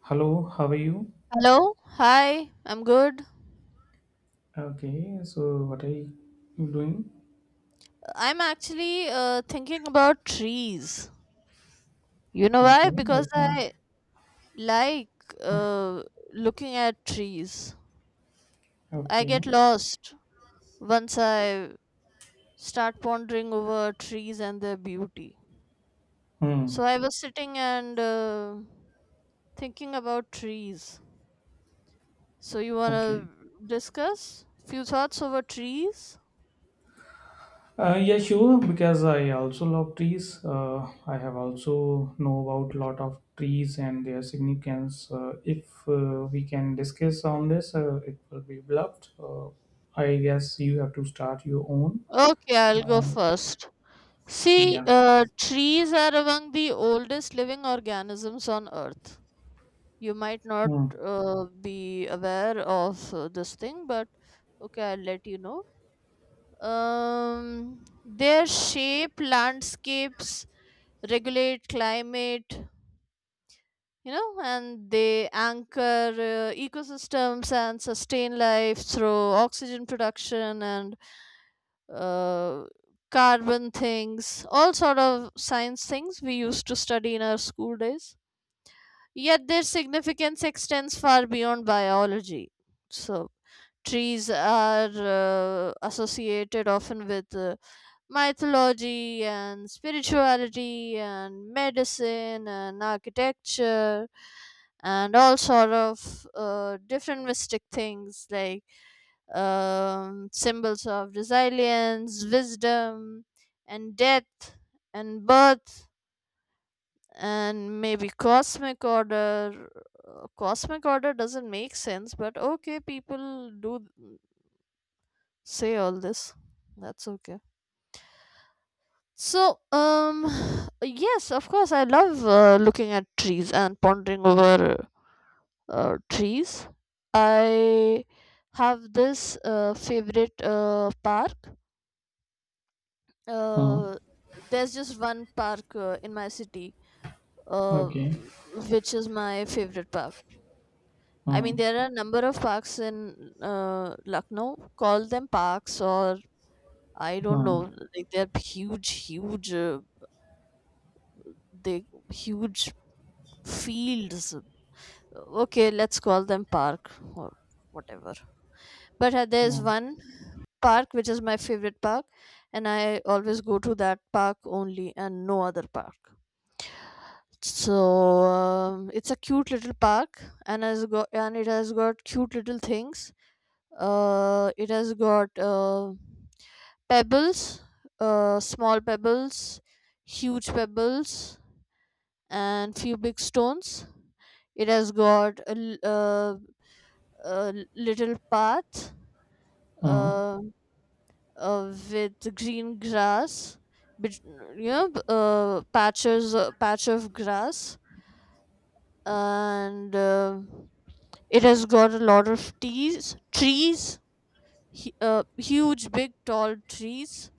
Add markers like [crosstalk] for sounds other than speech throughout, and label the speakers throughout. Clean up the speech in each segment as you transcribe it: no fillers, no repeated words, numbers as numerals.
Speaker 1: Hello, how are you?
Speaker 2: Hello, hi, I'm good.
Speaker 1: Okay, so what are you doing?
Speaker 2: I'm actually thinking about trees. You know
Speaker 1: Okay,
Speaker 2: why? Because
Speaker 1: what time?
Speaker 2: I like uh, looking at trees. I
Speaker 1: Okay.
Speaker 2: get lost once I start pondering over trees and their beauty.
Speaker 1: Hmm.
Speaker 2: So I was sitting and thinking about trees. So you wanna
Speaker 1: Okay.
Speaker 2: discuss few thoughts over trees?
Speaker 1: Yeah, sure. Because I also love trees. I have also know about lot of trees and their significance. If we can discuss on this, it will be loved. I guess you have to start your own.
Speaker 2: Okay, I'll go
Speaker 1: Uh,
Speaker 2: first. See,
Speaker 1: yeah.
Speaker 2: trees are among the oldest living organisms on Earth. You might not
Speaker 1: Hmm.
Speaker 2: be aware of this thing, but okay, I'll let you know. Their shape, landscapes regulate climate, and they anchor ecosystems and sustain life through oxygen production and uh, carbon things, all sort of science things we used to study in our school days. Yet their significance extends far beyond biology. So trees are associated often with mythology and spirituality and medicine and architecture and all sort of different mystic things like symbols of resilience, wisdom, and death, and birth, and maybe cosmic order. Cosmic order doesn't make sense, but okay, people do say all this. That's okay. So, yes, of course, I love looking at trees and pondering over trees. I have this favorite park.
Speaker 1: Hmm.
Speaker 2: Uh, there's just one park in my city, uh,
Speaker 1: Okay.
Speaker 2: which is my favorite park. I mean,
Speaker 1: Hmm.
Speaker 2: there are a number of parks in Lucknow. Call them parks, or I don't know.
Speaker 1: Hmm.
Speaker 2: Like they're huge, huge. They huge fields, okay, let's call them park or whatever, but there's
Speaker 1: Hmm.
Speaker 2: one park which is my favorite park, and I always go to that park only and no other park. So, it's a cute little park, and has got and it has got cute little things. It has got pebbles, small pebbles, huge pebbles, and few big stones. It has got a little path,
Speaker 1: Hmm.
Speaker 2: uh, with green grass, bet- patches, patch of grass, and it has got a lot of trees, huge, big, tall trees,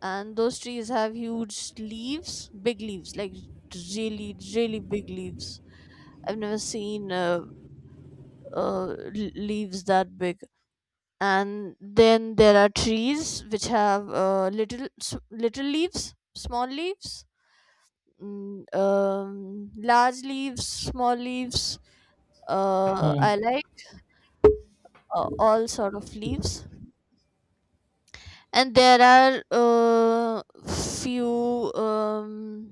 Speaker 2: and those trees have huge leaves, big leaves, like really, really big leaves. I've never seen uh, l- leaves that big, and then there are trees which have little leaves, small leaves, large leaves, small leaves. uh,
Speaker 1: Hmm.
Speaker 2: i like all sort of leaves, and there are few um,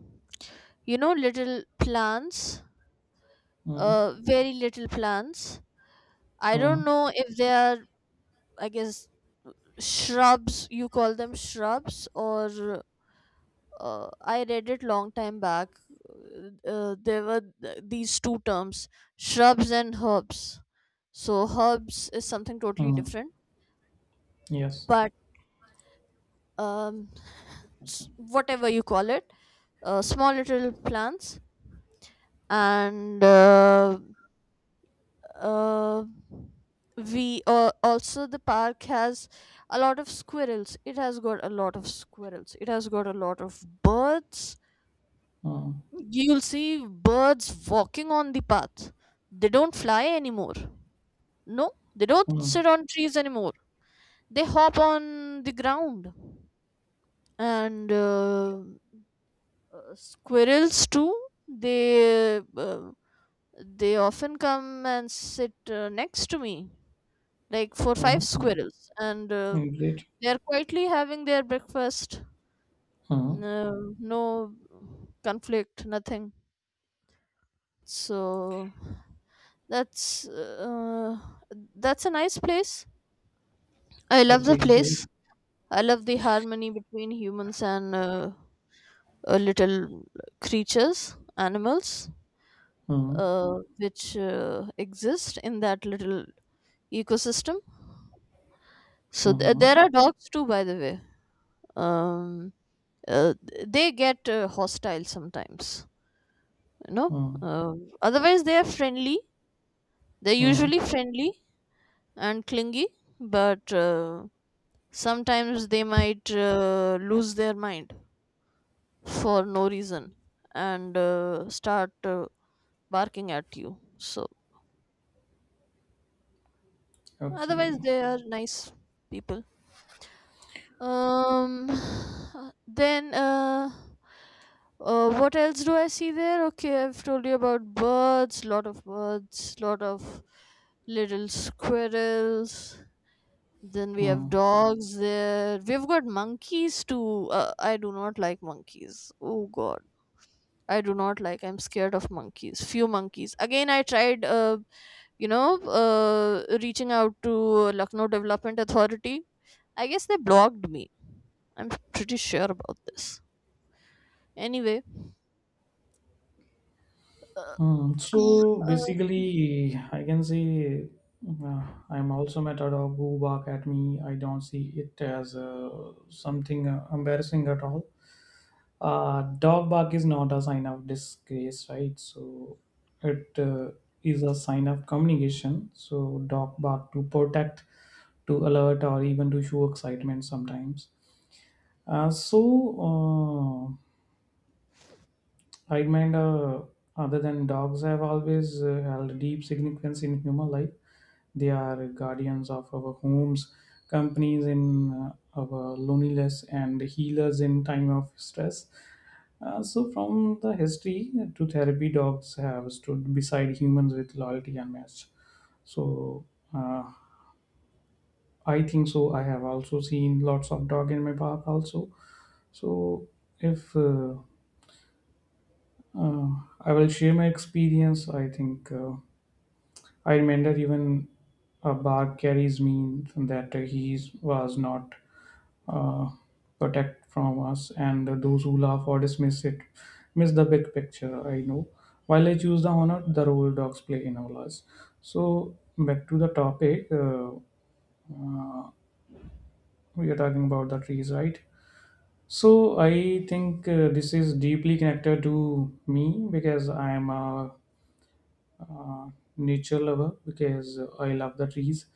Speaker 2: you know little plants,
Speaker 1: Hmm.
Speaker 2: very little plants. I
Speaker 1: Hmm.
Speaker 2: don't know if they are, I guess shrubs, you call them shrubs, or I read it long time back. There were these two terms, shrubs and herbs. So herbs is something totally
Speaker 1: Mm,
Speaker 2: different,
Speaker 1: yes.
Speaker 2: but um, whatever you call it, small little plants, and uh, we also the park has a lot of squirrels. It has got a lot of squirrels. It has got a lot of birds.
Speaker 1: Mm,
Speaker 2: You'll see birds walking on the path. They don't fly anymore. No, they don't
Speaker 1: mm,
Speaker 2: sit on trees anymore. They hop on the ground. And squirrels too. They uh, they often come and sit next to me, like four five
Speaker 1: mhm, mm.
Speaker 2: squirrels, and
Speaker 1: Mm, Great.
Speaker 2: they are quietly having their breakfast.
Speaker 1: Mm,
Speaker 2: No, no conflict, nothing. So. That's uh, that's a nice place. I love the
Speaker 1: okay, great.
Speaker 2: place. I love the harmony between humans and little creatures, animals,
Speaker 1: Mm,
Speaker 2: which exist in that little ecosystem. So
Speaker 1: mhm,
Speaker 2: there are dogs too, by the way. Um, they get hostile sometimes. You know.
Speaker 1: mm,
Speaker 2: Otherwise, they are friendly. They're
Speaker 1: mm.
Speaker 2: usually friendly and clingy, but. Sometimes they might lose their mind for no reason, and start barking at you, so otherwise
Speaker 1: Okay.
Speaker 2: they are nice people. um [sighs] then, what else do I see there? Okay, I've told you about birds, lot of birds, lot of little squirrels. Then we have
Speaker 1: Mm,
Speaker 2: dogs there, we've got monkeys too. I do not like monkeys, oh god. I do not like. I'm scared of monkeys. Few monkeys. Again, I tried, reaching out to Lucknow Development Authority. I guess they blocked me. I'm pretty sure about this. Anyway, uh,
Speaker 1: mm. So
Speaker 2: uh,
Speaker 1: basically, I can say uh, I'm also met a dog who bark at me. I don't see it as something embarrassing at all. Dog bark is not a sign of disgrace, right? So it is a sign of communication. So dog bark to protect, to alert, or even to show excitement sometimes. So I mind other than dogs have always held deep significance in human life. They are guardians of our homes, companies in our loneliness, and healers in time of stress. So, from the history to therapy, dogs have stood beside humans with loyalty unmatched. So, uh, I think so. I have also seen lots of dog in my path also. So, if Uh, I will share my experience. I think I remember even a bar carries me that he was not uh, protect from us, and those who laugh or dismiss it miss the big picture. I know. While I choose the honor, the role dogs play in our lives. So back to the topic. Uh, we are talking about the trees, right? So I think this is deeply connected to me because I am a uh, nature lover because I love the trees.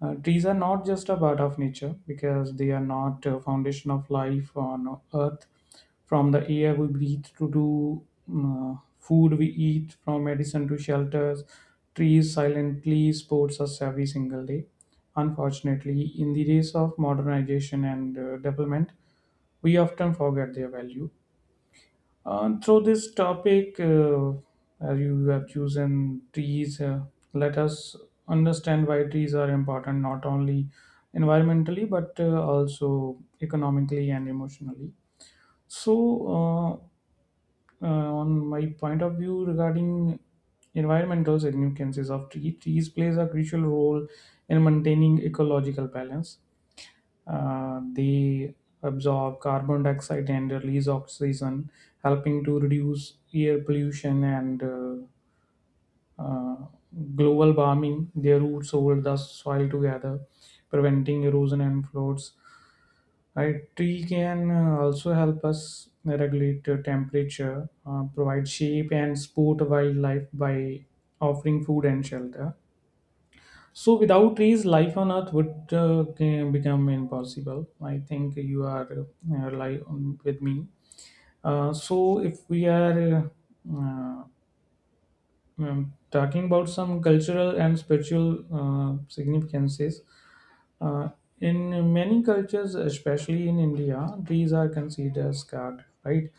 Speaker 1: Trees are not just a part of nature because they are not a foundation of life on earth. From the air we breathe to do food we eat, from medicine to shelters, trees silently supports us every single day. Unfortunately, in the days of modernization and development, we often forget their value. Through this topic, as you have chosen trees, let us understand why trees are important not only environmentally but also economically and emotionally. So, uh, uh, on my point of view regarding environmental significances of trees, trees plays a crucial role in maintaining ecological balance. They absorb carbon dioxide and release oxygen, helping to reduce air pollution and uh, global warming. Their roots hold the soil together, preventing erosion and floods. Right, tree can also help us regulate temperature, provide shape and support wildlife by offering food and shelter, so without trees, life on Earth would can become impossible. I think you are with me. So if we are uh, talking about some cultural and spiritual significances, uh, in many cultures, especially in India, trees are considered sacred, right?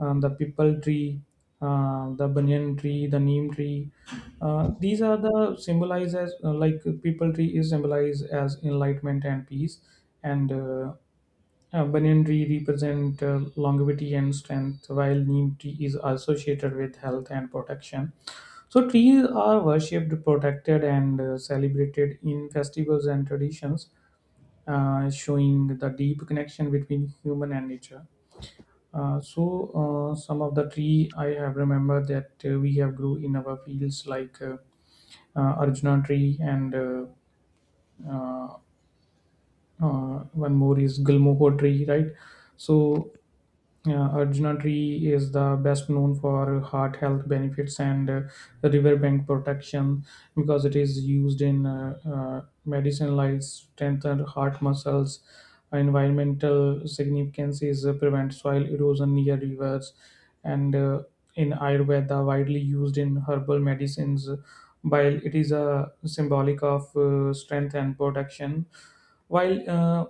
Speaker 1: The pipal tree, the banyan tree, the neem tree. These are the symbolized as like pipal tree is symbolized as enlightenment and peace, and banyan tree represent longevity and strength, while neem tree is associated with health and protection. So trees are worshipped, protected, and celebrated in festivals and traditions, showing the deep connection between human and nature. So some of the tree I have remembered that we have grew in our fields like Arjuna tree and uh, one more is Gulmoho tree, right? So Arjuna tree is the best known for heart health benefits and riverbank protection because it is used in medicine like strengthen heart muscles. Environmental significance is prevent soil erosion near rivers, and in Ayurveda widely used in herbal medicines. While it is a symbolic of strength and protection, while uh,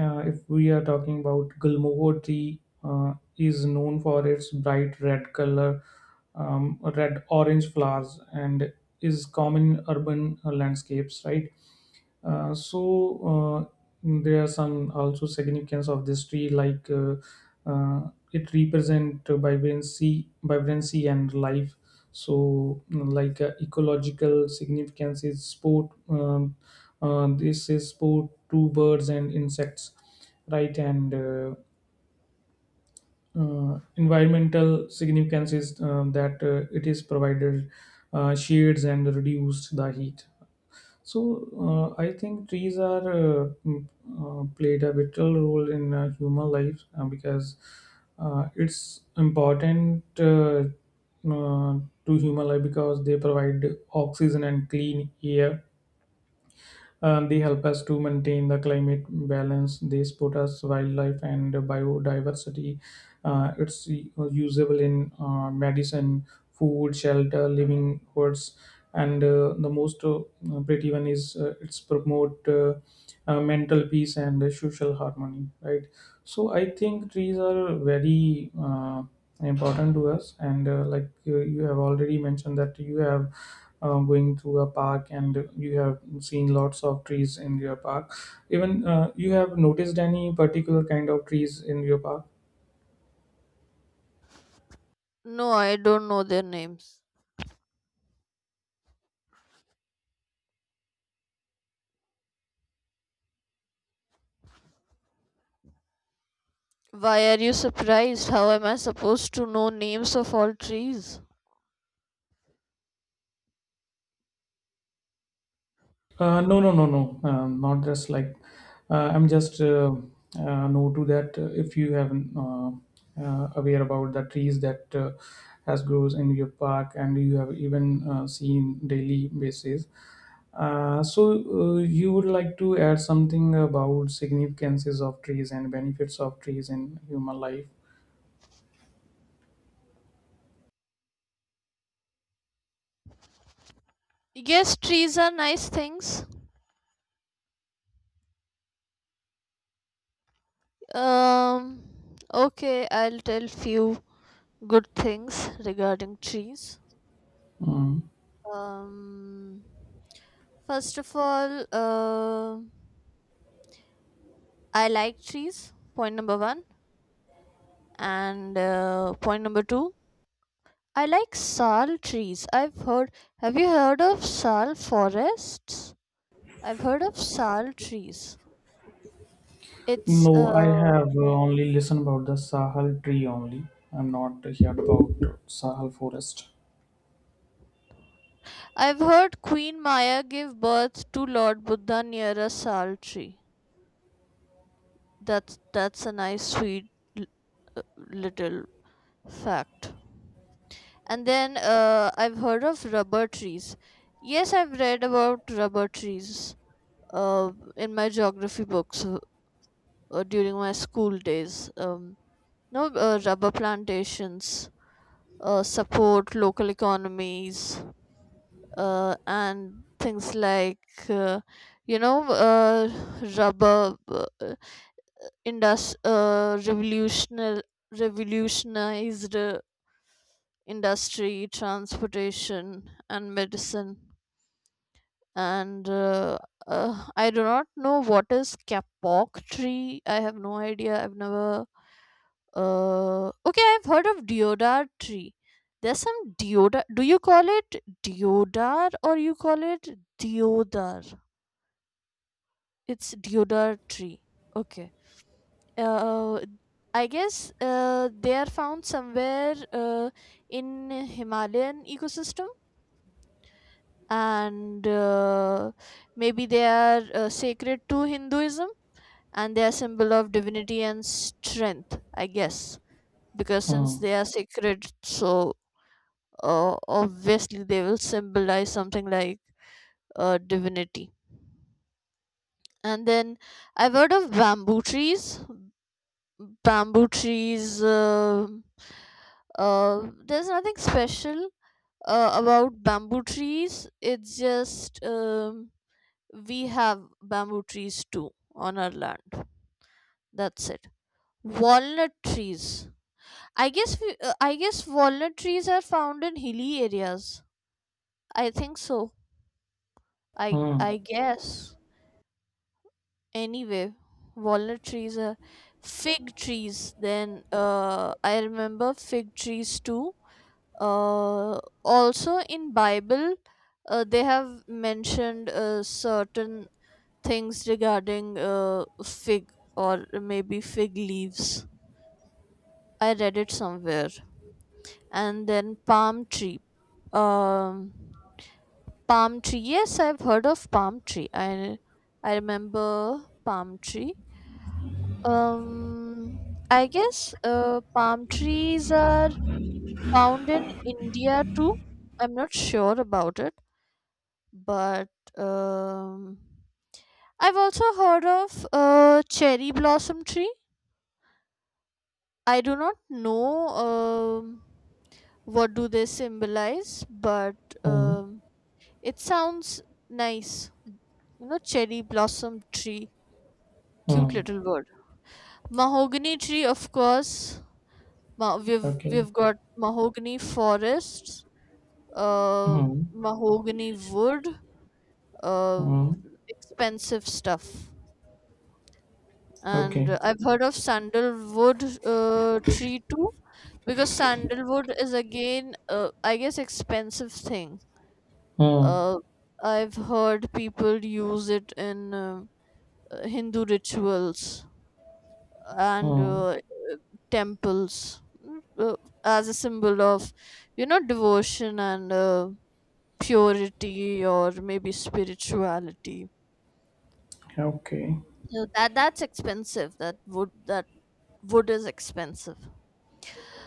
Speaker 1: uh, if we are talking about Gulmohur tree, is known for its bright red color, red orange flowers, and is common in urban landscapes. Right, so uh, there are some also significance of this tree like it represent vibrancy and life, so mm, like ecological significance is sport, this is sport to birds and insects, right, and environmental significance is that it is provided shades and reduced the heat. I think trees are played a vital role in human life because it's important uh, to human life because they provide oxygen and clean air. They help us to maintain the climate balance. They support us wildlife and biodiversity. It's usable in medicine, food, shelter, living quartz, and the most pretty one is it's promote mental peace and social harmony. Right. So I think trees are very important to us, and like you have already mentioned that you have going through a park and you have seen lots of trees in your park. Even you have noticed any particular kind of trees in your park?
Speaker 2: no, I don't know their names. Why are you surprised? How am I supposed to know names of all trees?
Speaker 1: No, not just like I'm just no to that. If you haven't aware about the trees that has grows in your park and you have even seen daily basis. So, you would like to add something about significances of trees and benefits of trees in human life?
Speaker 2: Yes, trees are nice things. Um, okay, I'll tell few good things regarding trees.
Speaker 1: Mm.
Speaker 2: Um, first of all, I like trees. Point number one, and point number two, I like sal trees. I've heard. Have you heard of sal forests? I've heard of sal trees. It's.
Speaker 1: No, I have only listened about the Sahel tree only. I'm not heard about Sahel forest.
Speaker 2: I've heard Queen Maya gave birth to Lord Buddha near a sal tree. That's a nice, sweet, l- uh, little fact. And then I've heard of rubber trees. Yes, I've read about rubber trees uh, in my geography books during my school days. No, rubber plantations support local economies and things like, uh, you know, uh, rubber indus- uh, revolutional, revolutionized industry, transportation, and medicine. And I do not know what is kapok tree. I have no idea. I've never. Okay, I've heard of deodar tree. There's some deodar. Do you call it deodar or you call it deodar? It's deodar tree. Okay. Uh, I guess they are found somewhere in Himalayan ecosystem, and maybe they are sacred to Hinduism, and they are symbol of divinity and strength, I guess. Because since
Speaker 1: Mm.
Speaker 2: they are sacred, so obviously they will symbolize something like divinity. And then I've heard of bamboo trees. There's nothing special about bamboo trees. It's just we have bamboo trees too on our land. That's it. Walnut trees. I guess walnut trees are found in hilly areas. I think so. I
Speaker 1: Mm.
Speaker 2: guess, anyway, walnut trees are fig trees. Then I remember fig trees too. Also in Bible, they have mentioned certain things regarding fig, or maybe fig leaves. I read it somewhere. And then palm tree. Um Palm tree. Yes, I've heard of palm tree. I remember palm tree. Um, I guess palm trees are found in India too. I'm not sure about it, but um, I've also heard of cherry blossom tree. I do not know what do they symbolize, but
Speaker 1: Mm.
Speaker 2: um, it sounds nice. You know, cherry blossom tree. Cute
Speaker 1: Mm.
Speaker 2: little bird. Mahogany tree, of course. Ma- we've
Speaker 1: Okay.
Speaker 2: we've got mahogany forests,
Speaker 1: Mm.
Speaker 2: mahogany wood, um,
Speaker 1: Mm.
Speaker 2: expensive stuff. And
Speaker 1: Okay.
Speaker 2: I've heard of sandalwood tree too, because sandalwood is, again, I guess, expensive thing.
Speaker 1: Mm.
Speaker 2: Uh, I've heard people use it in Hindu rituals, and
Speaker 1: Mm.
Speaker 2: temples, mm, uh, as a symbol of, devotion, and purity, or maybe spirituality.
Speaker 1: Okay.
Speaker 2: So that's expensive. That wood is expensive.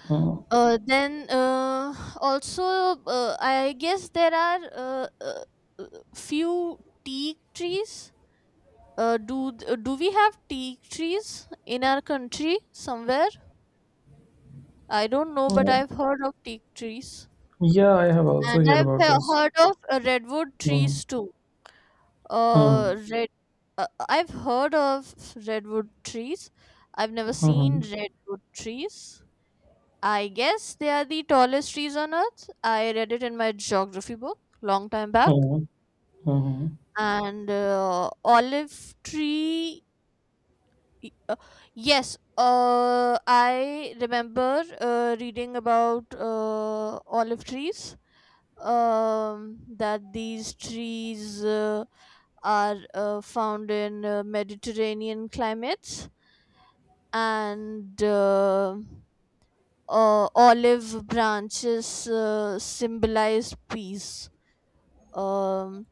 Speaker 1: Mm.
Speaker 2: Uh then uh also uh, i guess there are uh, uh uh, few teak trees. Do we have teak trees in our country somewhere? I don't know, but
Speaker 1: Mm.
Speaker 2: I've heard of teak trees.
Speaker 1: Yeah, I have also
Speaker 2: And
Speaker 1: heard
Speaker 2: I've
Speaker 1: about this.
Speaker 2: heard of redwood
Speaker 1: Mm.
Speaker 2: trees too.
Speaker 1: Mm.
Speaker 2: Red. I've heard of redwood trees. I've never seen
Speaker 1: Mm.
Speaker 2: redwood trees. I guess they are the tallest trees on earth. I read it in my geography book long time back.
Speaker 1: Mm. Mm.
Speaker 2: And olive tree. y- uh, yes. I remember reading about olive trees. That these trees. Are found in Mediterranean climates, and olive branches symbolize peace. Um,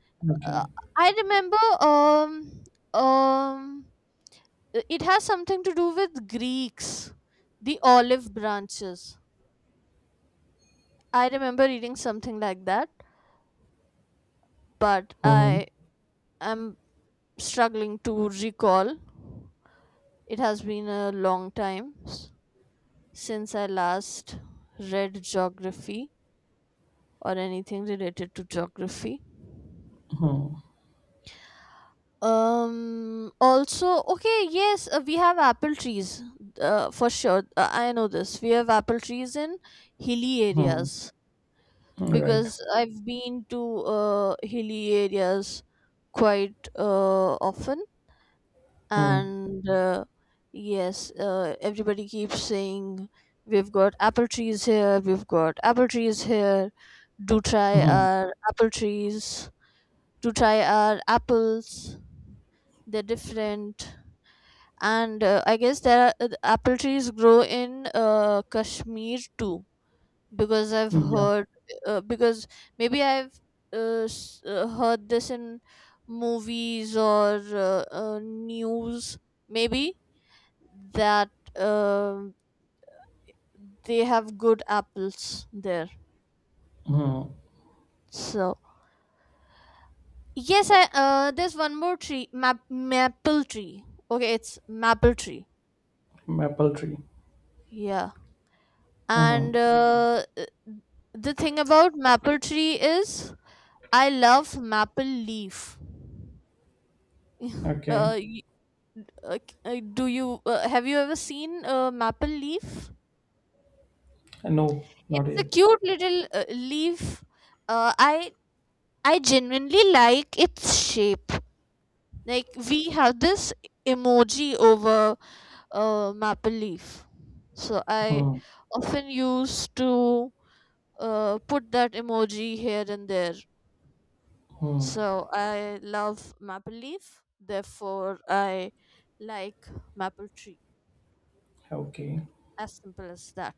Speaker 2: uh,
Speaker 1: Okay.
Speaker 2: I remember, um, it has something to do with Greeks, the olive branches. I remember reading something like that, but
Speaker 1: Mhm.
Speaker 2: I am struggling to recall. It has been a long time since I last read geography or anything related to geography.
Speaker 1: Mhm.
Speaker 2: Also, okay, yes, we have apple trees for sure. I know this. We have apple trees in hilly
Speaker 1: Mhm.
Speaker 2: areas,
Speaker 1: Right.
Speaker 2: because I've been to hilly areas quite often,
Speaker 1: Mhm.
Speaker 2: and yes, everybody keeps saying, we've got apple trees here, we've got apple trees here, do try
Speaker 1: Mhm.
Speaker 2: our apple trees, do try our apples, they're different. And I guess there are apple trees grow in Kashmir too, because I've
Speaker 1: Yeah.
Speaker 2: heard. Because maybe I've heard this in movies or news, maybe, that um they have good apples there.
Speaker 1: Mhm.
Speaker 2: So yes, I there's one more tree, maple tree. Okay, it's maple tree.
Speaker 1: Maple tree.
Speaker 2: Yeah, and
Speaker 1: Mhm.
Speaker 2: the thing about maple tree is I love maple leaf. [laughs]
Speaker 1: Okay.
Speaker 2: uh, y- c- do you have you ever seen a maple leaf?
Speaker 1: No, not
Speaker 2: It's a
Speaker 1: yet.
Speaker 2: cute little leaf. Uh, I I genuinely like its shape. Like we have this emoji over maple leaf. So I
Speaker 1: Mhm.
Speaker 2: often used to put that emoji here and there.
Speaker 1: Mhm.
Speaker 2: So I love maple leaf. Therefore, I like maple tree.
Speaker 1: Okay.
Speaker 2: As simple as that.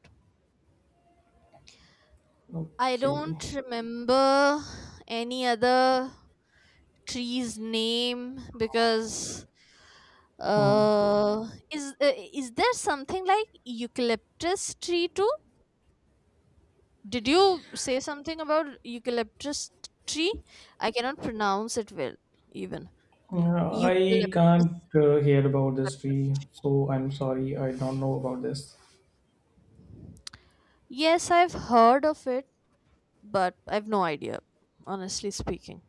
Speaker 2: I don't
Speaker 1: Okay.
Speaker 2: remember any other tree's name because
Speaker 1: Mhm.
Speaker 2: uh is uh, is there something like eucalyptus tree too? Did you say something about eucalyptus tree? I cannot pronounce it well, even
Speaker 1: I
Speaker 2: eucalyptus,
Speaker 1: can't hear about this tree,
Speaker 2: eucalyptus
Speaker 1: so I'm sorry. I don't know about this.
Speaker 2: tree. Yes, I've heard of it, but I've no idea, honestly speaking.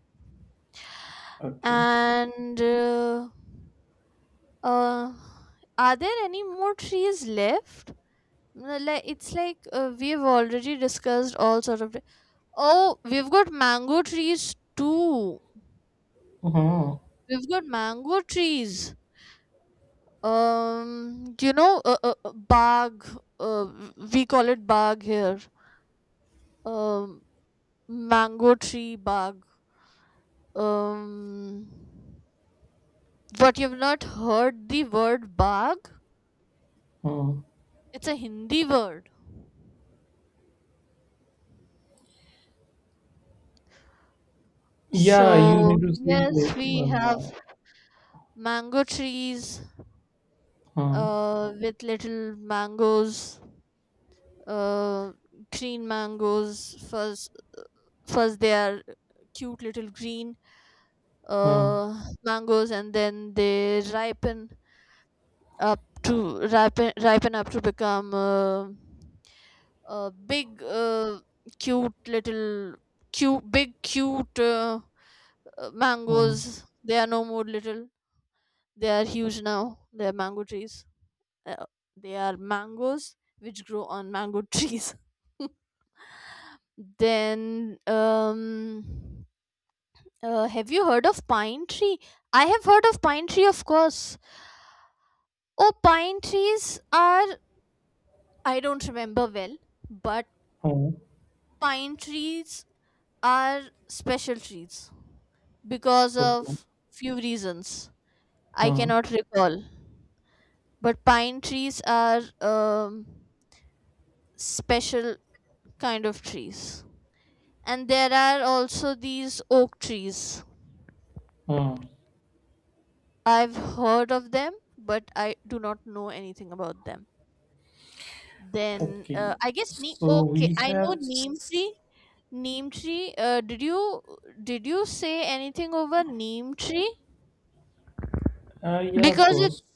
Speaker 1: Okay.
Speaker 2: And uh, are there any more trees left? No, like it's like we've already discussed all sort of. Oh, we've got mango trees too.
Speaker 1: Mhm.
Speaker 2: We've got mango trees. You know, bag. Uh, we call it bag here. Um, mango tree bag. Um, but you've not heard the word bag.
Speaker 1: Mhm.
Speaker 2: It's a Hindi word.
Speaker 1: Yeah, you
Speaker 2: So
Speaker 1: mean to say.
Speaker 2: yes, we have
Speaker 1: Mhm.
Speaker 2: mango trees
Speaker 1: Mhm.
Speaker 2: with little mangoes, uh, green mangoes. First, they are cute little green mangoes, and then they ripen up to become a big, cute little cute big cute
Speaker 1: Mhm.
Speaker 2: mangoes. They are no more little; they are huge now. They are mango trees. uh, they are mangoes which grow on mango trees. [laughs] Then have you heard of pine tree? I have heard of pine tree, of course. Oh, pine trees are, I don't remember well, but
Speaker 1: Mhm.
Speaker 2: pine trees are special trees because
Speaker 1: Okay.
Speaker 2: of few reasons, I
Speaker 1: Mhm.
Speaker 2: cannot recall, but pine trees are um special kind of trees. And there are also these oak trees.
Speaker 1: Mhm.
Speaker 2: I've heard of them, but I do not know anything about them. Then
Speaker 1: Okay,
Speaker 2: I guess neem.
Speaker 1: so
Speaker 2: Okay,
Speaker 1: we
Speaker 2: I know
Speaker 1: have,
Speaker 2: neem
Speaker 1: s-
Speaker 2: tree. Neem tree. Did you say anything over neem tree?
Speaker 1: yeah, of
Speaker 2: Because
Speaker 1: course.
Speaker 2: it's,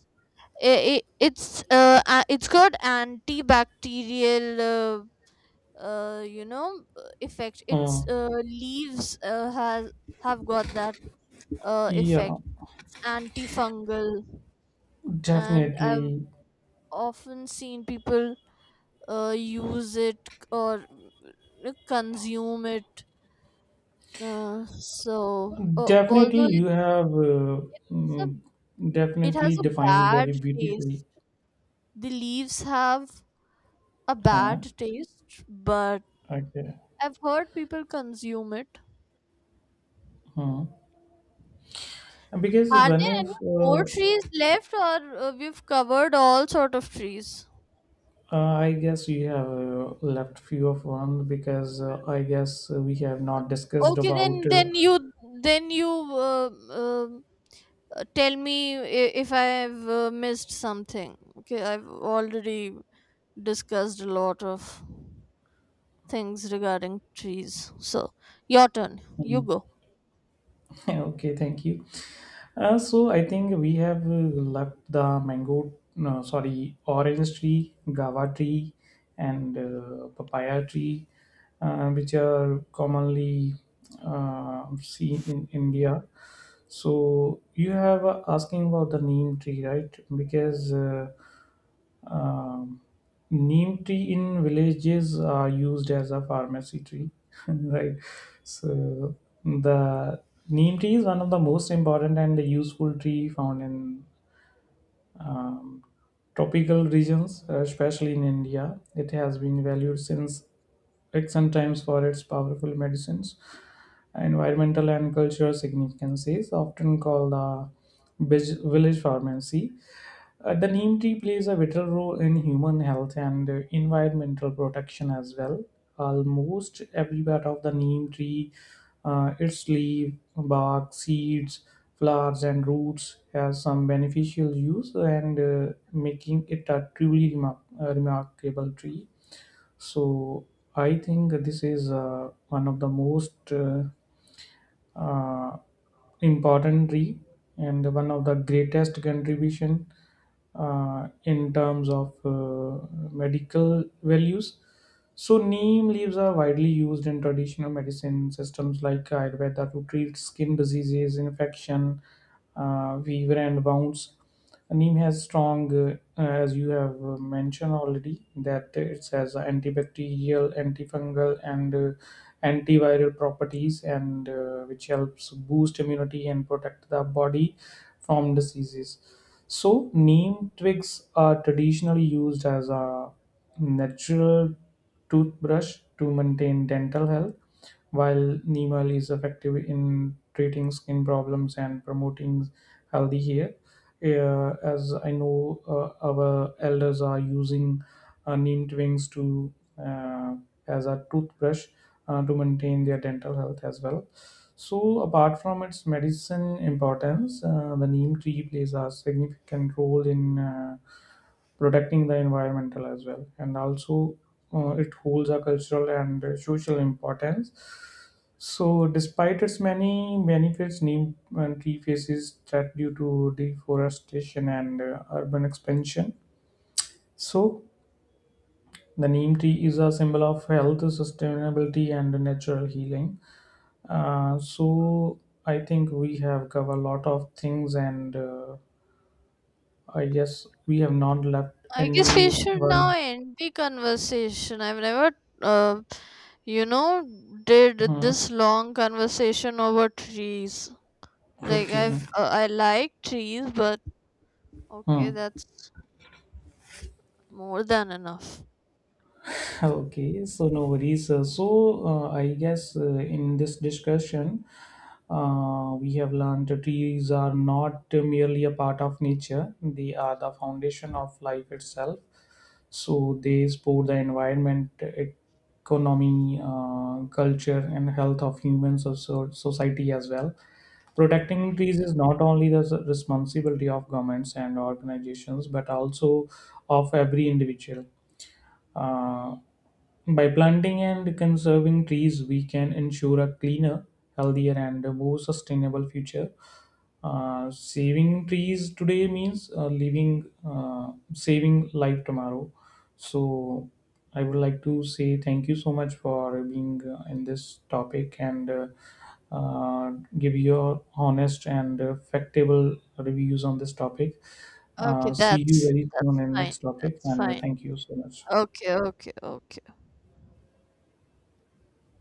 Speaker 2: i it's got antibacterial, effect.
Speaker 1: Uh,
Speaker 2: Its leaves has have got that
Speaker 1: yeah,
Speaker 2: effect, antifungal. And I've
Speaker 1: definitely.
Speaker 2: often seen people use it, or consume it. So,
Speaker 1: Definitely,
Speaker 2: although
Speaker 1: you have
Speaker 2: a,
Speaker 1: mm,
Speaker 2: it has
Speaker 1: definitely
Speaker 2: a
Speaker 1: defined
Speaker 2: bad
Speaker 1: very beautifully.
Speaker 2: taste, the leaves have a
Speaker 1: Huh?
Speaker 2: bad taste, but
Speaker 1: Okay.
Speaker 2: I've heard people consume it.
Speaker 1: Hmm. Because
Speaker 2: Are
Speaker 1: when
Speaker 2: there
Speaker 1: if
Speaker 2: any more trees left, or we've covered all sort of trees?
Speaker 1: I guess you have left few of one because I guess we have not discussed
Speaker 2: Okay,
Speaker 1: about
Speaker 2: then you tell me if I have missed something. Okay, I've already discussed a lot of things regarding trees. So, your turn. You
Speaker 1: mm,
Speaker 2: go.
Speaker 1: [laughs] okay, thank you. So I think we have left the mango, no, sorry, orange tree, guava tree, and papaya tree, which are commonly seen in India. So you have asking about the neem tree, right? Because um, neem tree in villages are used as a pharmacy tree, [laughs] right? So the neem tree is one of the most important and useful tree found in um, tropical regions, especially in India. It has been valued since ancient times for its powerful medicines. Environmental and cultural significance is often called the village pharmacy. The neem tree plays a vital role in human health and environmental protection as well. Almost every part of the neem tree, its leaf, bark, seeds, flowers, and roots has some beneficial use and making it a remarkable tree. So I think this is one of the most uh, importantly and one of the greatest contribution in terms of medical values. So, neem leaves are widely used in traditional medicine systems like Ayurveda to treat skin diseases, infection, fever, and wounds. Neem has strong, as you have mentioned already, that it has antibacterial, antifungal, and antiviral properties, and which helps boost immunity and protect the body from diseases. So, neem twigs are traditionally used as a natural toothbrush to maintain dental health, while neem oil is effective in treating skin problems and promoting healthy hair. As I know, our elders are using neem twigs to as a toothbrush to maintain their dental health as well. So, apart from its medicine importance, the neem tree plays a significant role in protecting the environmental as well, and also it holds a cultural and social importance. So, despite its many benefits, neem tree faces threat due to deforestation and urban expansion. So, the neem tree is a symbol of health, sustainability, and natural healing. uh, so I think we have covered a lot of things, and I guess we have not left
Speaker 2: I guess we
Speaker 1: any
Speaker 2: should now
Speaker 1: one.
Speaker 2: end the conversation. I've never, uh, you know, did
Speaker 1: Hmm.
Speaker 2: this long conversation over trees. Like
Speaker 1: Okay.
Speaker 2: I like trees, but okay,
Speaker 1: Hmm.
Speaker 2: that's more than enough.
Speaker 1: [laughs] Okay, so no worries. So, I guess in this discussion, we have learned that trees are not merely a part of nature, they are the foundation of life itself. So, they support the environment, economy, culture, and health of humans of society as well. Protecting trees is not only the responsibility of governments and organizations, but also of every individual. uh, by planting and conserving trees, we can ensure a cleaner, healthier, and a more sustainable future. Saving trees today means saving life tomorrow. So, I would like to say thank you so much for being in this topic and uh, give your honest and factable reviews on this topic.
Speaker 2: Okay,
Speaker 1: See you
Speaker 2: that's
Speaker 1: very soon
Speaker 2: that's
Speaker 1: in
Speaker 2: fine.
Speaker 1: next topic,
Speaker 2: That's
Speaker 1: and
Speaker 2: fine.
Speaker 1: thank you so much.
Speaker 2: Okay, okay, okay.